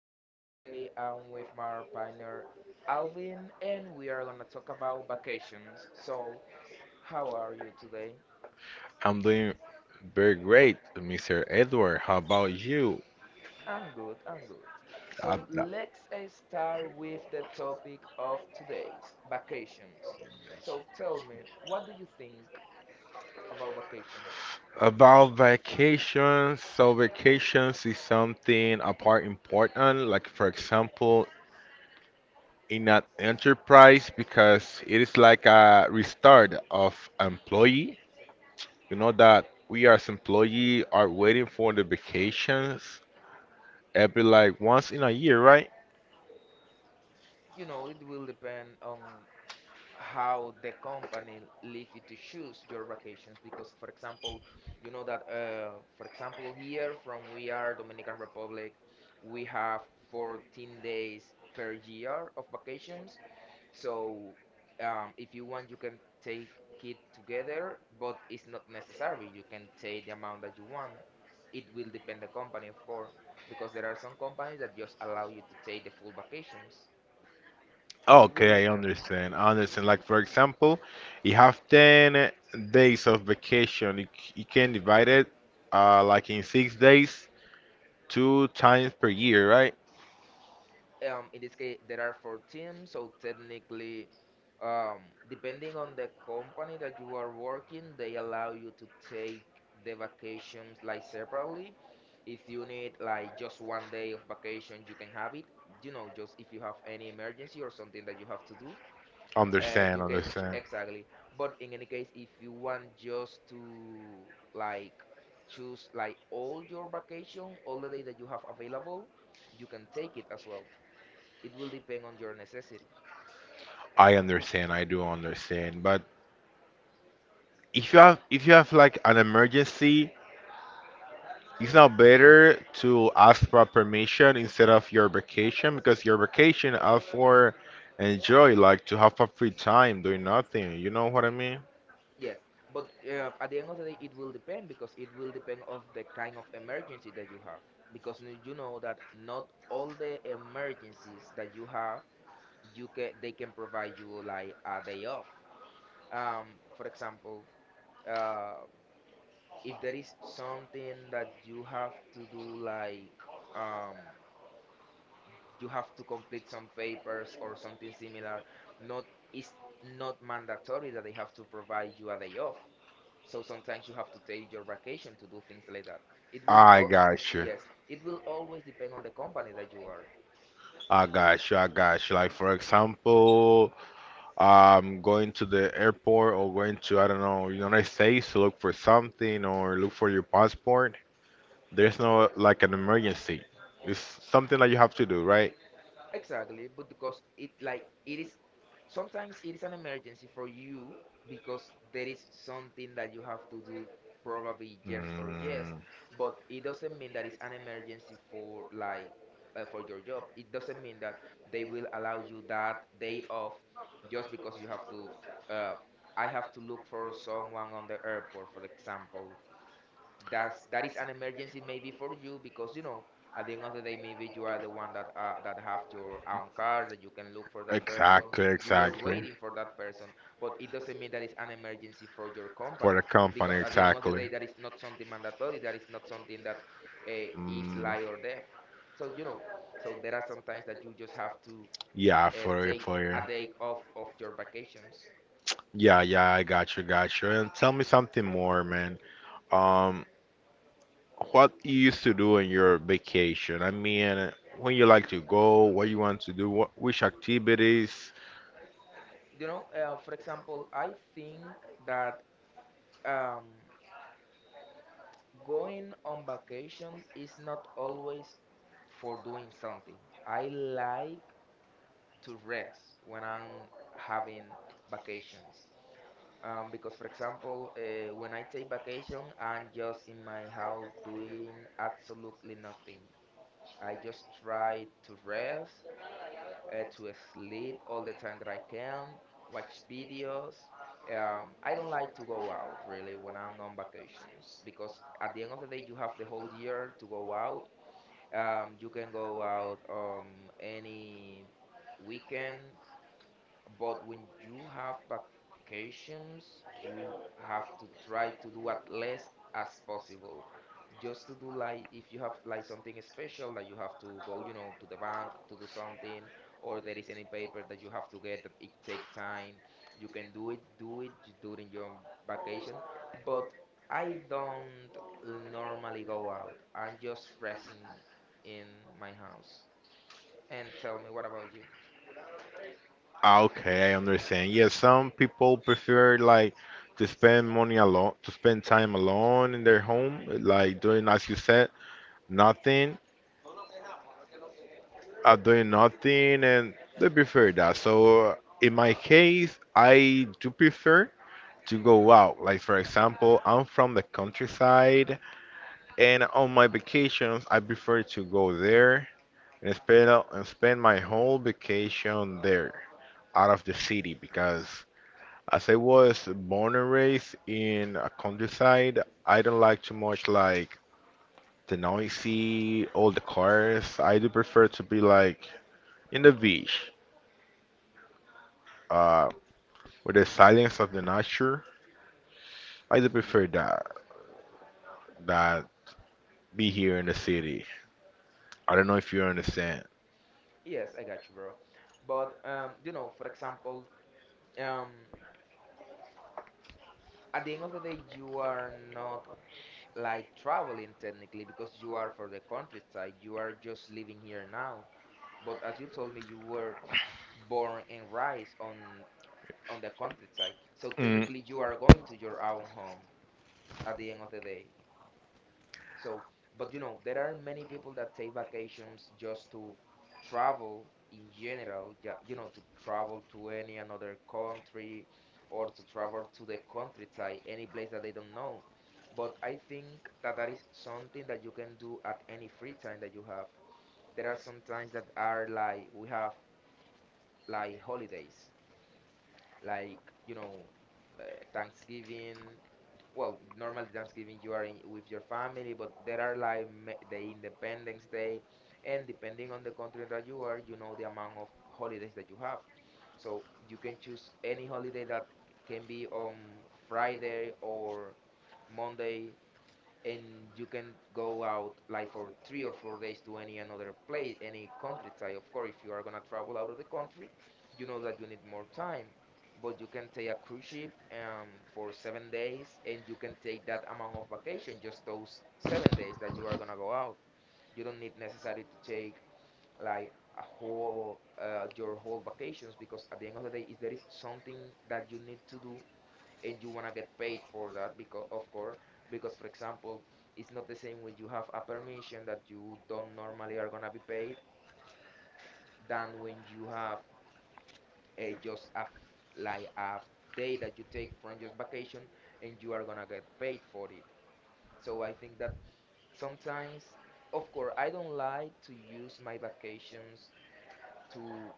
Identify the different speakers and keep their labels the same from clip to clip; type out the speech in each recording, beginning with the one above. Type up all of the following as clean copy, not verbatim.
Speaker 1: and today I'm with my partner Alvin, and we are gonna talk about vacations. So, how are you today?
Speaker 2: I'm doing very great, Mr. Edward. How about you?
Speaker 1: I'm good, I'm good. So,
Speaker 2: Ab-
Speaker 1: let's start with the topic of today's vacations. So, tell me, what do you think about vacations?
Speaker 2: About vacations, so vacations is something apart important, like for example, in an enterprise, because it is like a restart of employee. You know that we as employee are waiting for the vacations every like once in a year, right?
Speaker 1: You know, it will depend on how the company leave you to choose your vacations because for example you know that for example here from we are dominican republic we have 14 days per year of vacations. So if you want you can take it together, but it's not necessary. You can take the amount that you want. It will depend the company, of course, because there are some companies that just allow you to take the full vacations, so it will
Speaker 2: Okay, I
Speaker 1: depend.
Speaker 2: understand. Like for example, you have 10 days of vacation. You can divide it like in 6 days, two times per year, right?
Speaker 1: Um, in this case there are four teams, so technically, um, depending on the company that you are working, they allow you to take the vacations like separately. If you need like just 1 day of vacation you can have it, you know, just if you have any emergency or something that you have to do. You
Speaker 2: Understand,
Speaker 1: can
Speaker 2: understand.
Speaker 1: exactly, but in any case if you want just to like choose like all your vacation, all the day that you have available, you can take it as well. It will depend on your necessity.
Speaker 2: I understand. I do understand. But if you have like an emergency, it's not better to ask for permission instead of your vacation because your vacation are for enjoy, like to have a free time doing nothing. You know what I mean?
Speaker 1: Yes, but at the end of the day, it will depend because it will depend of the kind of emergency that you have. Because you know that not all the emergencies that you have, you can they can provide you like a day off. For example, uh, if there is something that you have to do, like um, you have to complete some papers or something similar, not it's not mandatory that they have to provide you a day off. So sometimes you have to take your vacation to do things like that. It will the
Speaker 2: I
Speaker 1: all
Speaker 2: got you.
Speaker 1: yes, it will always depend on the company that you are.
Speaker 2: Like for example, going to the airport or going to I don't know United States to look for something or look for your passport. There's no like an emergency. It's something that you have to do, right?
Speaker 1: Exactly, but because it like it is sometimes it is an emergency for you because there is something that you have to do, probably yes or yes,
Speaker 2: Mm,
Speaker 1: but it doesn't mean that it's an emergency for like for your job. It doesn't mean that they will allow you that day off just because you have to uh, I have to look for someone on the airport, for example. That is an emergency maybe for you because, you know, at the end of the day, maybe you are the one that that have your own car that you can look for that person.
Speaker 2: exactly.
Speaker 1: You were waiting for that person, but it doesn't mean that it's an emergency for your
Speaker 2: For
Speaker 1: company,
Speaker 2: the company,
Speaker 1: because at the end of the
Speaker 2: exactly.
Speaker 1: day that is not something mandatory, that is not something that is
Speaker 2: Mm,
Speaker 1: lie or death. So, you know, so there are some times that you just have to
Speaker 2: yeah, for
Speaker 1: take a
Speaker 2: you.
Speaker 1: day off of your vacations.
Speaker 2: Yeah, yeah, I got you, And tell me something more, man. Um, what you used to do on your vacation? I mean, when you like to go, what you want to do, what which activities?
Speaker 1: For example, I think that um going on vacation is not always for doing something. I like to rest when I'm having vacations. Because, for example, when I take vacation, I'm just in my house doing absolutely nothing. I just try to rest, to sleep all the time that I can, watch videos. I don't like to go out really when I'm on vacations, because at the end of the day, you have the whole year to go out. You can go out any weekend, but when you have vacations, you have to try to do as less as possible. Just to do like if you have like something special that you have to go, you know, to the bank to do something, or there is any paper that you have to get that it take time, you can do it, during your vacation. But I don't normally go out. I'm just resting in my house. And tell me, what about you?
Speaker 2: Ah, okay, I understand. Yeah, some people prefer like to spend money alone, to spend time alone in their home, like doing as you said, nothing. Are doing nothing and they prefer that. So in my case, I do prefer to go out. Like for example, I'm from the countryside, and on my vacations, I prefer to go there and spend my whole vacation there out of the city because as I was born and raised in a countryside, I don't like too much like the noisy, all the cars. I do prefer to be like in the beach uh, with the silence of the nature. I do prefer that be here in the city. I don't know if you understand.
Speaker 1: Yes, I got you, bro. But you know, for example, um, at the end of the day, you are not like traveling technically because you are for the countryside. You are just living here now. But as you told me, you were born and raised on the countryside. So
Speaker 2: Mm,
Speaker 1: technically, you are going to your own home at the end of the day. So, but you know, there are many people that take vacations just to travel in general, you know, to travel to any another country or to travel to the countryside, any place that they don't know. But I think that that is something that you can do at any free time that you have. There are some times that are like we have like holidays, like, you know, uh, Thanksgiving. Well, normally Thanksgiving you are in, with your family, but there are like the Independence Day, and depending on the country that you are, you know the amount of holidays that you have. So you can choose any holiday that can be on Friday or Monday, and you can go out like for 3 or 4 days to any another place, any countryside. Of course, if you are gonna travel out of the country, you know that you need more time, but you can take a cruise ship for 7 days, and you can take that amount of vacation, just those 7 days that you are gonna go out. You don't need necessarily to take like a whole your whole vacations, because at the end of the day, if there is something that you need to do and you want to get paid for that, because of course, because for example, it's not the same when you have a permission that you don't normally are going to be paid than when you have a just like a day that you take from just vacation and you are going to get paid for it. So I think that sometimes, of course, I don't like to use my vacations to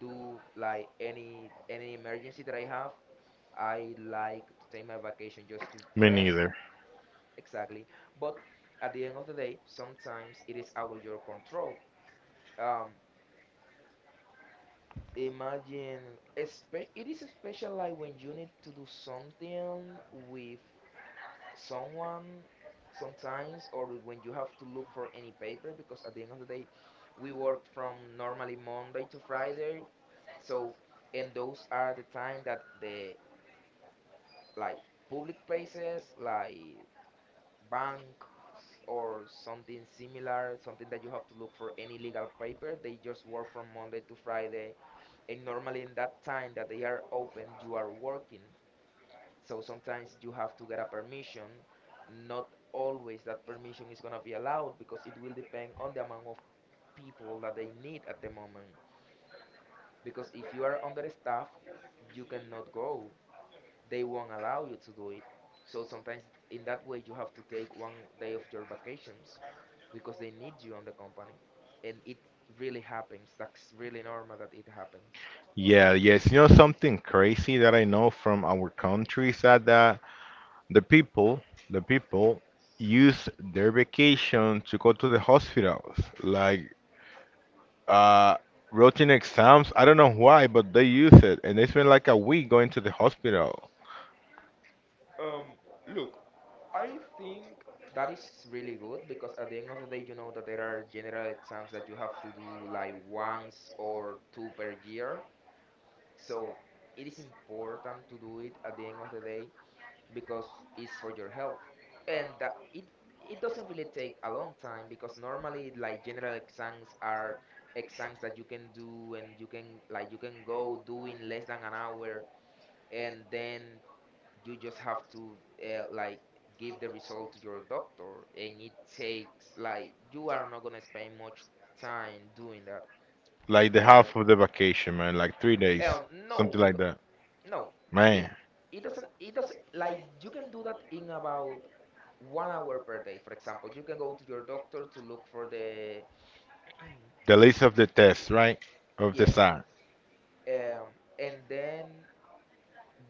Speaker 1: do like any emergency that I have. I like to take my vacation just to
Speaker 2: me
Speaker 1: rest.
Speaker 2: neither.
Speaker 1: Exactly. But at the end of the day, sometimes it is out of your control. Um, Imagine, espe it is especially like when you need to do something with someone sometimes, or when you have to look for any paper, because at the end of the day, we work from normally Monday to Friday. So, and those are the time that the like public places, like banks or something similar, something that you have to look for any legal paper. They just work from Monday to Friday, and normally in that time that they are open, you are working. So sometimes you have to get a permission. Not always that permission is gonna be allowed, because it will depend on the amount of people that they need at the moment. Because if you are understaffed, you cannot go, they won't allow you to do it. So sometimes in that way you have to take 1 day of your vacations because they need you on the company. And it really happens. That's really normal that it happens.
Speaker 2: Yeah, yes. You know something crazy that I know from our country is that the people, the people use their vacation to go to the hospitals, like uh, routine exams. I don't know why, but they use it, and they spend like a week going to the hospital.
Speaker 1: Um, Look, I think that is really good because at the end of the day you know that there are general exams that you have to do like once or two per year. So it is important to do it at the end of the day because it's for your health, and that it doesn't really take a long time, because normally like general exams are exams that you can do and you can like you can go do in less than an hour, and then you just have to like give the result to your doctor, and it takes like you are not going to spend much time doing that.
Speaker 2: Like the
Speaker 1: uh,
Speaker 2: half of the vacation, man, like 3 days,
Speaker 1: no,
Speaker 2: something like
Speaker 1: because
Speaker 2: that.
Speaker 1: no, it
Speaker 2: Man,
Speaker 1: it doesn't like you can do that in about 1 hour per day, for example. You can go to your doctor to look for the
Speaker 2: the list of the tests, right? Of the
Speaker 1: yes,
Speaker 2: SAR.
Speaker 1: um, and then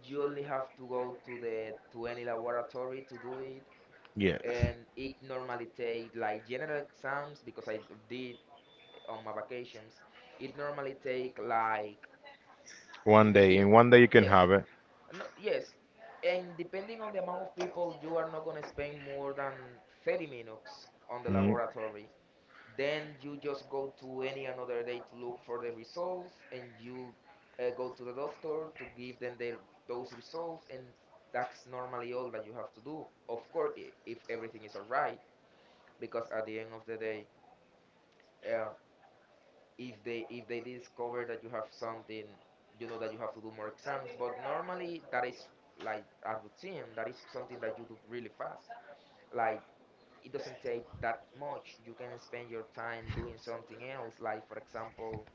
Speaker 1: you only have to go to the to any laboratory to do it,
Speaker 2: Yes.
Speaker 1: and it normally take like general exams, because I did on my vacations. It normally take like
Speaker 2: One day.
Speaker 1: depending,
Speaker 2: In one day you can
Speaker 1: yes,
Speaker 2: have it.
Speaker 1: no, yes. And depending on the amount of people, you are not gonna spend more than 30 minutes on the
Speaker 2: Mm.
Speaker 1: laboratory. Then you just go to any another day to look for the results, and you go to the doctor to give them their, those results, and that's normally all that you have to do. Of course, if everything is alright, because at the end of the day, um, if they discover that you have something, you know that you have to do more exams. But normally, that is like a routine. That is something that you do really fast. Like it doesn't take that much. You can spend your time doing something else, like for example,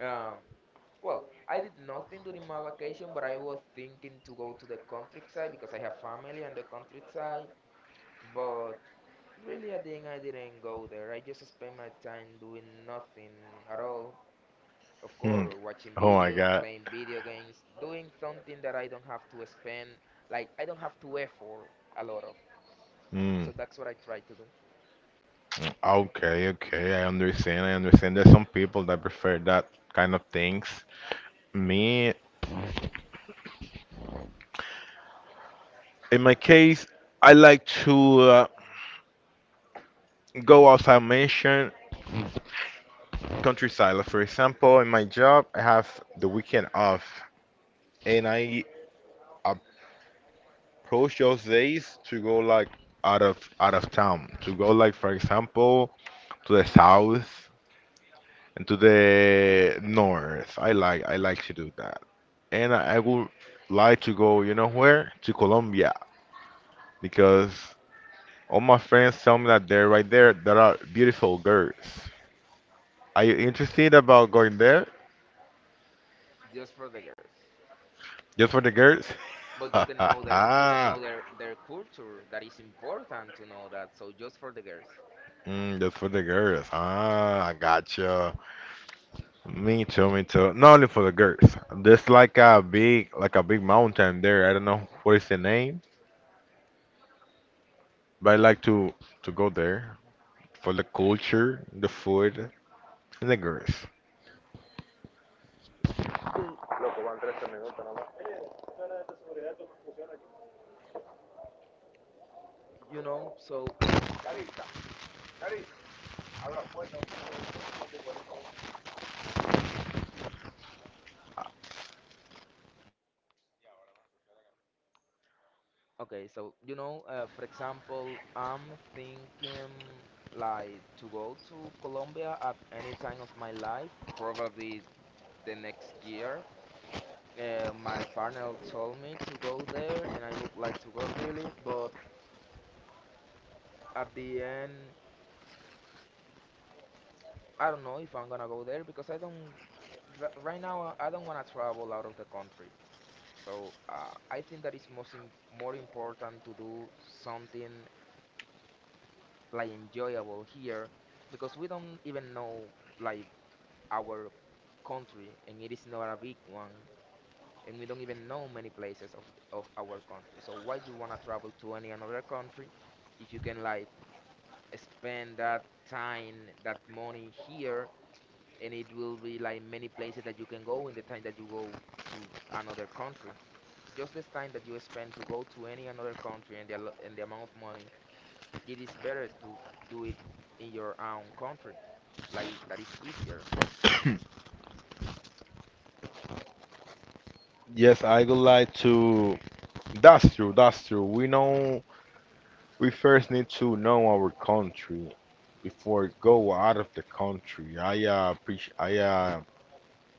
Speaker 1: Um, well, I did nothing during my vacation, but I was thinking to go to the countryside because I have family on the countryside. But really, at the end, I didn't go there. I just spent my time doing nothing at all. Of
Speaker 2: Hmm.
Speaker 1: course, watching
Speaker 2: Oh my
Speaker 1: videos,
Speaker 2: God.
Speaker 1: playing video games, doing something that I don't have to spend, like I don't have to effort a lot of.
Speaker 2: Mm.
Speaker 1: So that's what I try to do,
Speaker 2: Okay, okay. I understand. There's some people that prefer that kind of things. Me, in my case, I like to. Go as I mentioned, countryside. Like, for example, in my job, I have the weekend off, and I approach those days to go like out of town. To go like, for example, to the south and to the north. I like to do that, and I would like to go. You know where? To Colombia because all my friends tell me that they're right there. There are beautiful girls. Are you interested about going there?
Speaker 1: just for the girls.
Speaker 2: Just for the girls?
Speaker 1: But you can know their culture. That is important to know that. So just for the girls.
Speaker 2: Mm, just for the girls. Ah, I gotcha. Me too, Not only for the girls. There's like a big mountain there. I don't know what is the name, but I like to go there for the culture, the food, and the girls.
Speaker 1: Uh, You know, so okay, so you know, for example, I'm thinking like to go to Colombia at any time of my life, probably the next year. My partner told me to go there, and I would like to go really, but at the end, I don't know if I'm gonna go there because I don't r- right now I don't wanna travel out of the country. So I think that it's most im more important to do something like enjoyable here because we don't even know like our country and it is not a big one and we don't even know many places of our country. So why do you want to travel to any another country if you can like spend that time, that money here and it will be like many places that you can go in the time that you go to another country. Just this time that you spend to go to any another country and and the amount of money it is better to do it in your own country. Like that is easier.
Speaker 2: Yes, I would like to. That's true. We know we first need to know our country before go out of the country. I appreciate. I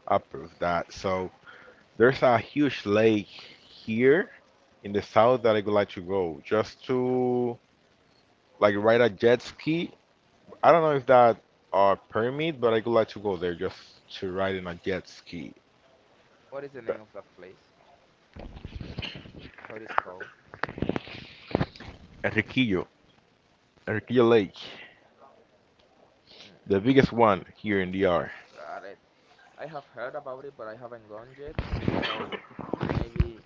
Speaker 2: approve that. So there's a huge lake here in the south that I would like to go just to like ride a jet ski. I don't know if that permit, but I would like to go there just to ride in a jet ski.
Speaker 1: What is the
Speaker 2: The
Speaker 1: name of that place? How it is called?
Speaker 2: Enriquillo, Enriquillo Lake,
Speaker 1: Mm,
Speaker 2: the biggest one here in DR.
Speaker 1: got it. I have heard about it, but I haven't gone yet. So maybe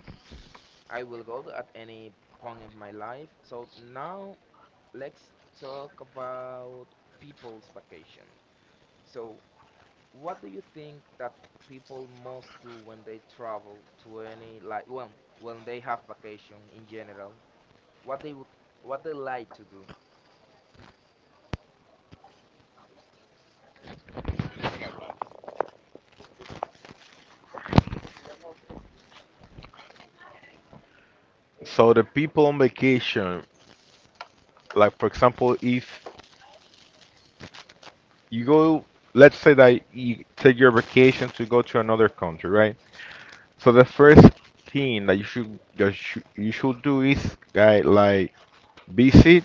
Speaker 1: I will go at any point in my life. So now let's talk about people's vacation. So what do you think that people must do when they travel to any like well when they have vacation in general? What they would what they like to do.
Speaker 2: So the people on vacation, like for example, if you go, let's say that you take your vacation to go to another country, right? So the first thing that you should do is guy like visit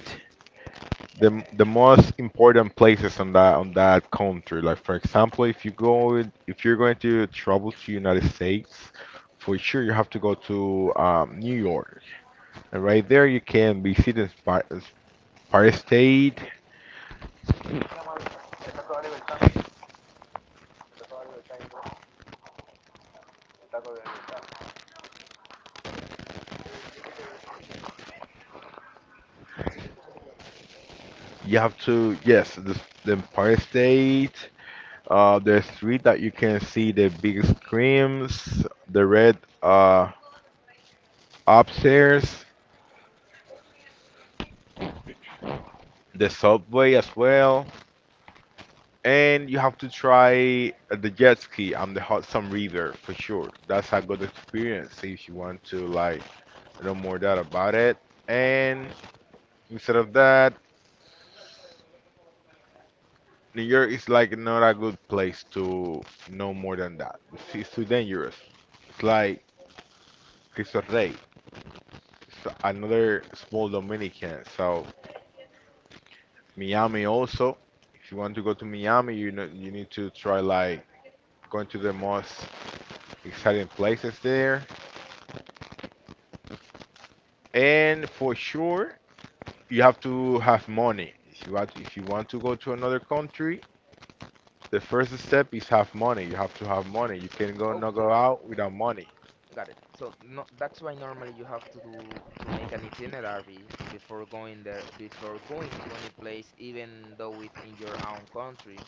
Speaker 2: the the most important places on that country. Like for example, if you're going to travel to United States, for sure you have to go to New York. And right there you can visit the Empire State. You have to yes the Empire State. The street that you can see the big screens, the red upstairs, the subway as well. And you have to try the jet ski on the Hudson River for sure. That's a good experience if you want to like know more that about it. And instead of that, New York is like not a good place to know more than that. It's too dangerous. It's like Cristo Rey. It's another small Dominican. So Miami also. If you want to go to Miami, you know you need to try like going to the most exciting places there. And for sure, you have to have money. If you want to go to another country, the first step is have money. You have to have money. You can go
Speaker 1: Of
Speaker 2: not go
Speaker 1: course,
Speaker 2: out without money.
Speaker 1: got it. So no, that's why normally you have to do to make an itinerary before going there before going to any place even though it's in your own country,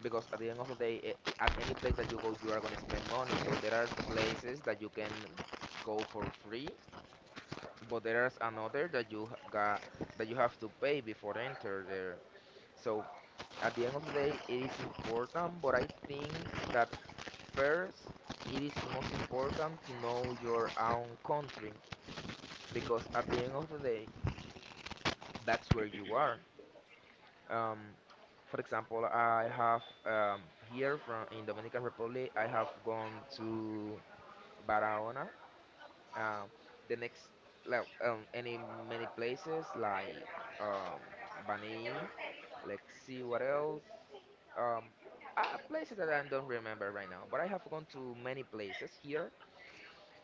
Speaker 1: because at the end of the day, at any place that you go you are going to spend money, so there are places that you can go for free but there's another that you got that you have to pay before enter there. So at the end of the day, it is important, but I think that first it is most important to know your own country because at the end of the day, that's where you are. Um, for example, I have here from in Dominican Republic, I have gone to Barahona. Um, the next like any many places like um Bani. Let's see what else. Um, Places that I don't remember right now, but I have gone to many places here,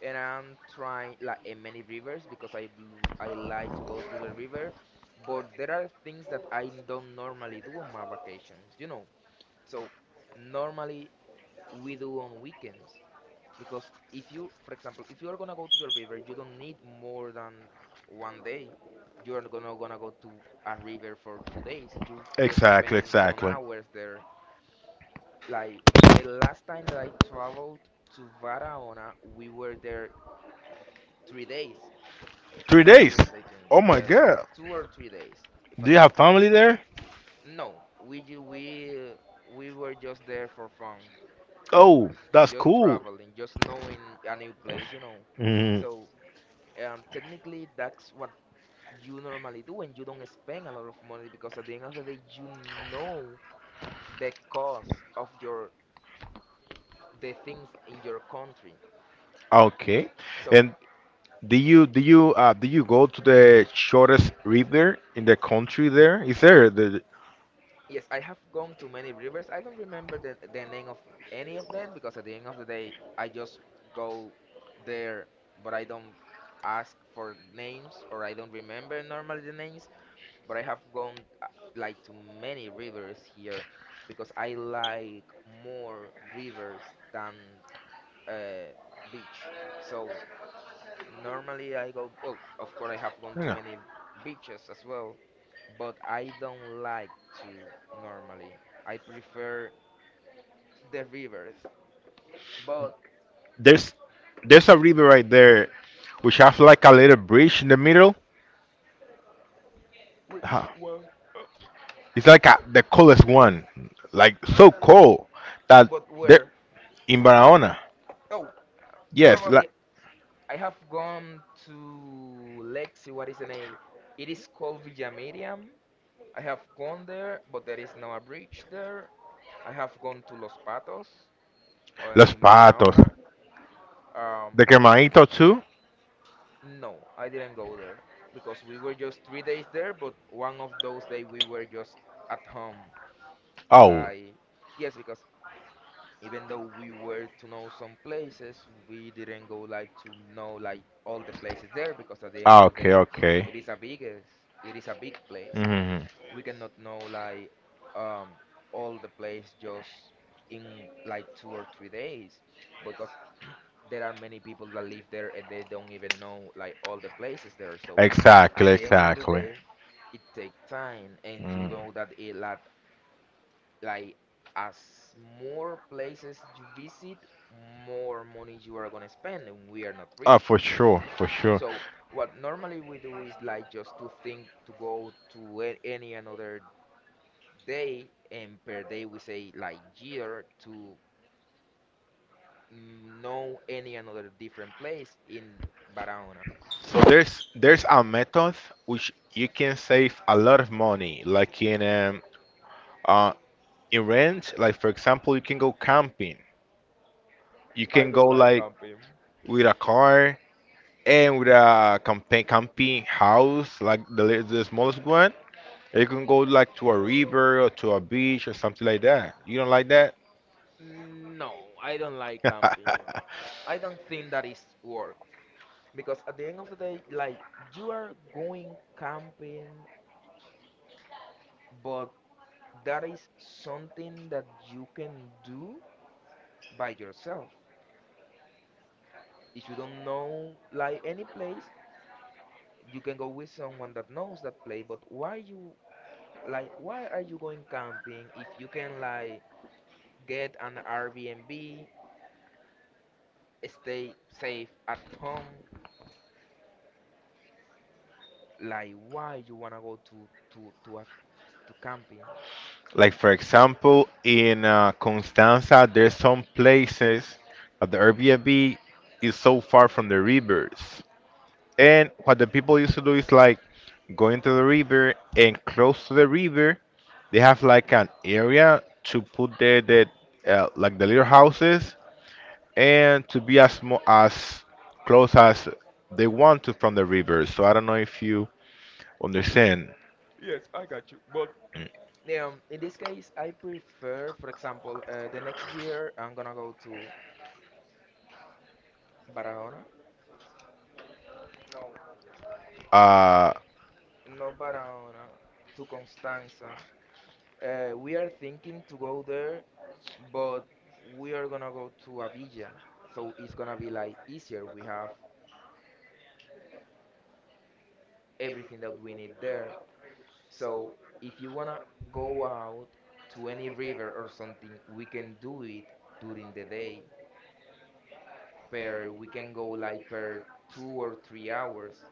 Speaker 1: and I'm trying like in many rivers because I like to go to the river, but there are things that I don't normally do on my vacations. So normally we do on weekends. Because if for example, if you are gonna go to the river, you don't need more than one day. You are not gonna go to a river for 2 days. You just
Speaker 2: Exactly,
Speaker 1: spend some
Speaker 2: exactly.
Speaker 1: hours there. Like the last time that I traveled to Barahona, we were there 3 days,
Speaker 2: Three
Speaker 1: if I'm not
Speaker 2: days.
Speaker 1: mistaken.
Speaker 2: Oh my
Speaker 1: Yes,
Speaker 2: God.
Speaker 1: 2 or 3 days, if
Speaker 2: Do
Speaker 1: I'm
Speaker 2: you
Speaker 1: not
Speaker 2: have
Speaker 1: mistaken.
Speaker 2: family there?
Speaker 1: No, we we were just there for fun,
Speaker 2: Oh, that's
Speaker 1: just
Speaker 2: cool.
Speaker 1: traveling, just knowing a new place.
Speaker 2: Mhm.
Speaker 1: So. And technically, that's what you normally do when you don't spend a lot of money because at the end of the day, you know the cost of your the things in your country.
Speaker 2: Okay.
Speaker 1: So
Speaker 2: And do you go to the shortest river in the country? There is there the
Speaker 1: yes, I have gone to many rivers. I don't remember the name of any of them because at the end of the day, I just go there, but I don't ask for names or I don't remember normally the names, but I have gone like to many rivers here because I like more rivers than uh, beach. So normally I go. Well, of course I have gone to
Speaker 2: yeah.
Speaker 1: many beaches as well, but I don't like to normally. I prefer the rivers. But
Speaker 2: there's there's a river right there which have like a little bridge in the middle.
Speaker 1: which one? Uh,
Speaker 2: It's like a, the coolest one, like so cold that
Speaker 1: But
Speaker 2: they
Speaker 1: where?
Speaker 2: in Barahona.
Speaker 1: Oh,
Speaker 2: Yes,
Speaker 1: probably
Speaker 2: like
Speaker 1: I have gone to. Let's see what is the name. It is called Villa Miriam. I have gone there, but there is now a bridge there. I have gone to Los Patos
Speaker 2: Los
Speaker 1: in
Speaker 2: Patos,
Speaker 1: Barahona. Um,
Speaker 2: the Quemadito too.
Speaker 1: no, I didn't go there because we were just 3 days there, but one of those days we were just at home.
Speaker 2: Oh,
Speaker 1: Like, yes, because even though we were to know some places, we didn't go like to know like all the places there because at the end of
Speaker 2: ah,
Speaker 1: the
Speaker 2: okay,
Speaker 1: day,
Speaker 2: okay.
Speaker 1: it is a big place.
Speaker 2: Hmm.
Speaker 1: We cannot know like um all the place just in like 2 or 3 days because there are many people that live there and they don't even know like all the places there, so at
Speaker 2: Exactly,
Speaker 1: the end of the
Speaker 2: exactly.
Speaker 1: day it takes time and you
Speaker 2: Mm.
Speaker 1: know that it lot, like as more places you visit more money you are gonna spend and we are not
Speaker 2: Ah,
Speaker 1: rich,
Speaker 2: for sure, for sure.
Speaker 1: so what normally we do is like just to think to go to any another day and per day we say like year to know any another different place in Barahona.
Speaker 2: So there's a method which you can save a lot of money, like uh, in rent. Like for example, you can go camping. You
Speaker 1: I
Speaker 2: can
Speaker 1: don't
Speaker 2: go
Speaker 1: like
Speaker 2: like
Speaker 1: camping.
Speaker 2: with a car and with a campaign camping house, like the smallest one. You can go like to a river or to a beach or something like that. You don't like that?
Speaker 1: No, I don't like camping. I don't think that is work because at the end of the day, like you are going camping, but that is something that you can do by yourself. If you don't know like any place, you can go with someone that knows that place. But why you Like, why are you going camping if you can like get an Airbnb, stay safe at home? Like, why you wanna go to camping?
Speaker 2: Like for example, in Constanza, there's some places that the Airbnb is so far from the rivers. And what the people used to do is like go into the river and close to the river, they have like an area to put the like the little houses and to be as small as close as they want to from the river. So I don't know if you understand.
Speaker 1: Yes, I got you. But
Speaker 2: Mm.
Speaker 1: yeah, in this case, I prefer, for example, the next year I'm gonna go to Barahona. No,
Speaker 2: Uh,
Speaker 1: not Barahona, to Constanza. We are thinking to go there, but we are gonna go to Avilla, so it's gonna be like easier. We have everything that we need there. So if you wanna go out to any river or something, we can do it during the day. Per we can go like per 2 or 3 hours,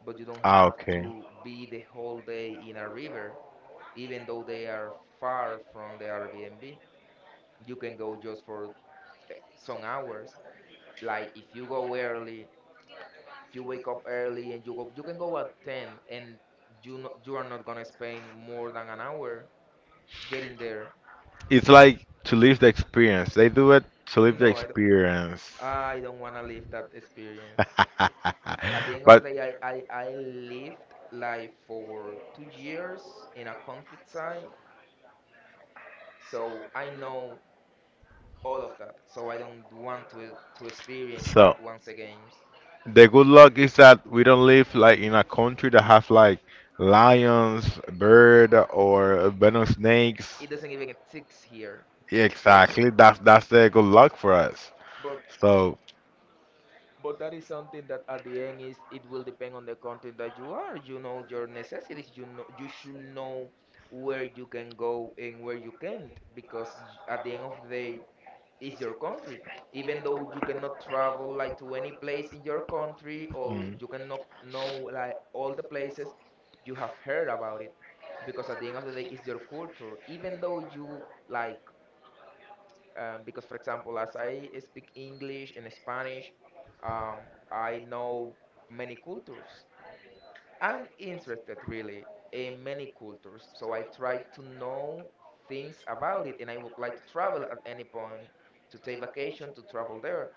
Speaker 1: but you don't
Speaker 2: ah,
Speaker 1: have
Speaker 2: okay.
Speaker 1: to be the whole day in a river, even though they are far from the Airbnb. You can go just for some hours. Like if you go early, if you wake up early and you go, you can go at 10 and you no, you are not gonna spend more than an hour getting there.
Speaker 2: It's like to live the experience. They do it to live the
Speaker 1: No, I don't.
Speaker 2: experience.
Speaker 1: I don't want to live that experience. At the end of the
Speaker 2: but
Speaker 1: day, I lived life for 2 years in a countryside, so I know all of that. So I don't want to experience
Speaker 2: so
Speaker 1: that once again.
Speaker 2: the good luck is that we don't live like in a country that have like lions, bird, or venom snakes.
Speaker 1: It doesn't even exist here.
Speaker 2: Yeah,
Speaker 1: So,
Speaker 2: exactly. That's the good luck for us.
Speaker 1: but
Speaker 2: So
Speaker 1: But that is something that at the end is it will depend on the country that you are. You know your necessities. You know you should know where you can go and where you can't because at the end of the day it's your country. Even though you cannot travel like to any place in your country or
Speaker 2: mm.
Speaker 1: you cannot know like all the places, you have heard about it because at the end of the day it's your culture. Even though you like because, for example, as I speak English and Spanish, um, I know many cultures. I'm interested really in many cultures, so I try to know things about it, and I would like to travel at any point to take vacation to travel there.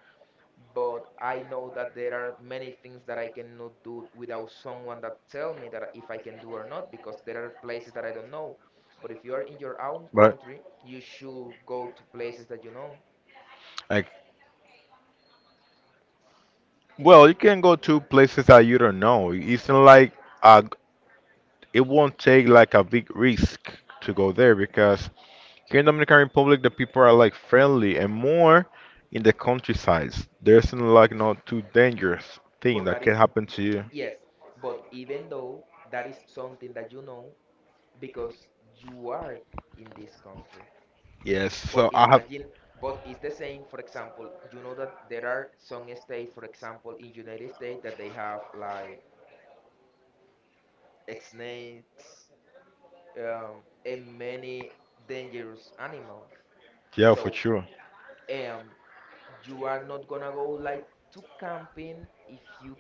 Speaker 1: But I know that there are many things that I cannot do without someone that tell me that if I can do or not, because there are places that I don't know. But if you are in your own
Speaker 2: But
Speaker 1: country, you should go to places that you know.
Speaker 2: like, well, you can go to places that you don't know. It's not like a it won't take like a big risk to go there because here in Dominican Republic the people are like friendly and more in the countryside. There's no, like no too dangerous thing
Speaker 1: But
Speaker 2: that
Speaker 1: that
Speaker 2: can
Speaker 1: is,
Speaker 2: happen to you.
Speaker 1: yes, but even though that is something that you know because you are in this country.
Speaker 2: Yes,
Speaker 1: But
Speaker 2: so I have
Speaker 1: imagine, but it's the same, for example, you know that there are some states, for example, in United States that they have like snakes, and many dangerous animals.
Speaker 2: yeah for
Speaker 1: So,
Speaker 2: sure.
Speaker 1: um, you are not gonna go like to camping if you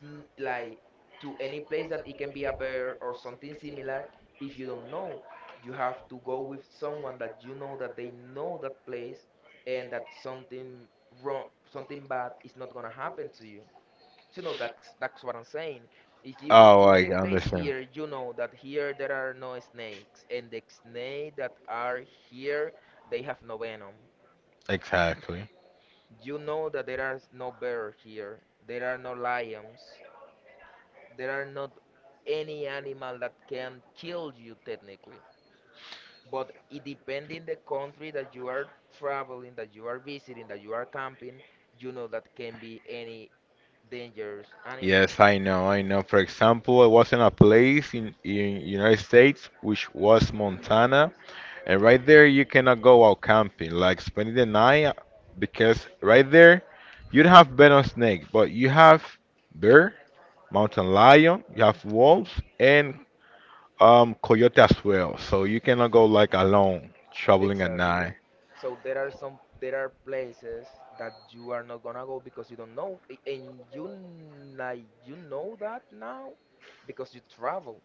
Speaker 1: like to any place that it can be a bear or something similar, if you don't know you have to go with someone that you know that they know that place and that wrong something bad is not gonna happen to you. You know, that's what I'm saying. If you go
Speaker 2: Oh,
Speaker 1: to
Speaker 2: I
Speaker 1: any place
Speaker 2: understand.
Speaker 1: here you know that here there are no snakes and the snake that are here, they have no venom.
Speaker 2: Exactly.
Speaker 1: You know that there are no bears here. There are no lions. There are not any animal that can kill you technically. But it depending the country that you are traveling, that you are visiting, that you are camping, you know that can be any dangerous animal.
Speaker 2: Yes, I know, For example, I was in a place in United States which was Montana, and right there, you cannot go out camping, like spending the night, because right there, you'd have bed on snake, but you have bear, mountain lion, you have wolves, and coyote as well. So you cannot go like alone, traveling at
Speaker 1: Exactly.
Speaker 2: night.
Speaker 1: So there are places that you are not gonna go because you don't know, and you like you know that now because you travel,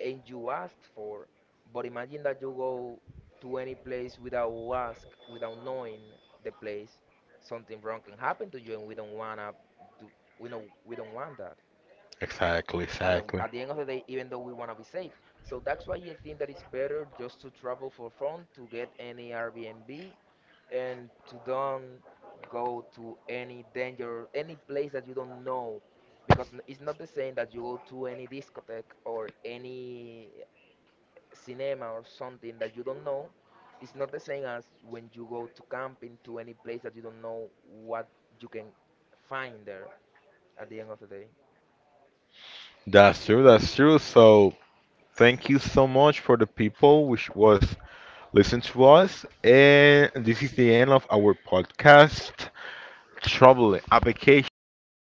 Speaker 1: and you ask for. But imagine that you go to any place without ask, without knowing the place. Something wrong can happen to you, and we don't wanna do. We know we don't want that.
Speaker 2: Exactly,
Speaker 1: And then
Speaker 2: exactly.
Speaker 1: at the end of the day, even though we wanna be safe, so that's why I think that it's better just to travel for fun, to get any Airbnb, and to don't go to any danger, any place that you don't know, because it's not the same that you go to any discotheque or any cinema or something that you don't know is not the same as when you go to camping to any place that you don't know what you can find there at the end of the day.
Speaker 2: That's true, So thank you so much for the people which was listening to us. And this is the end of our podcast. Trouble, application,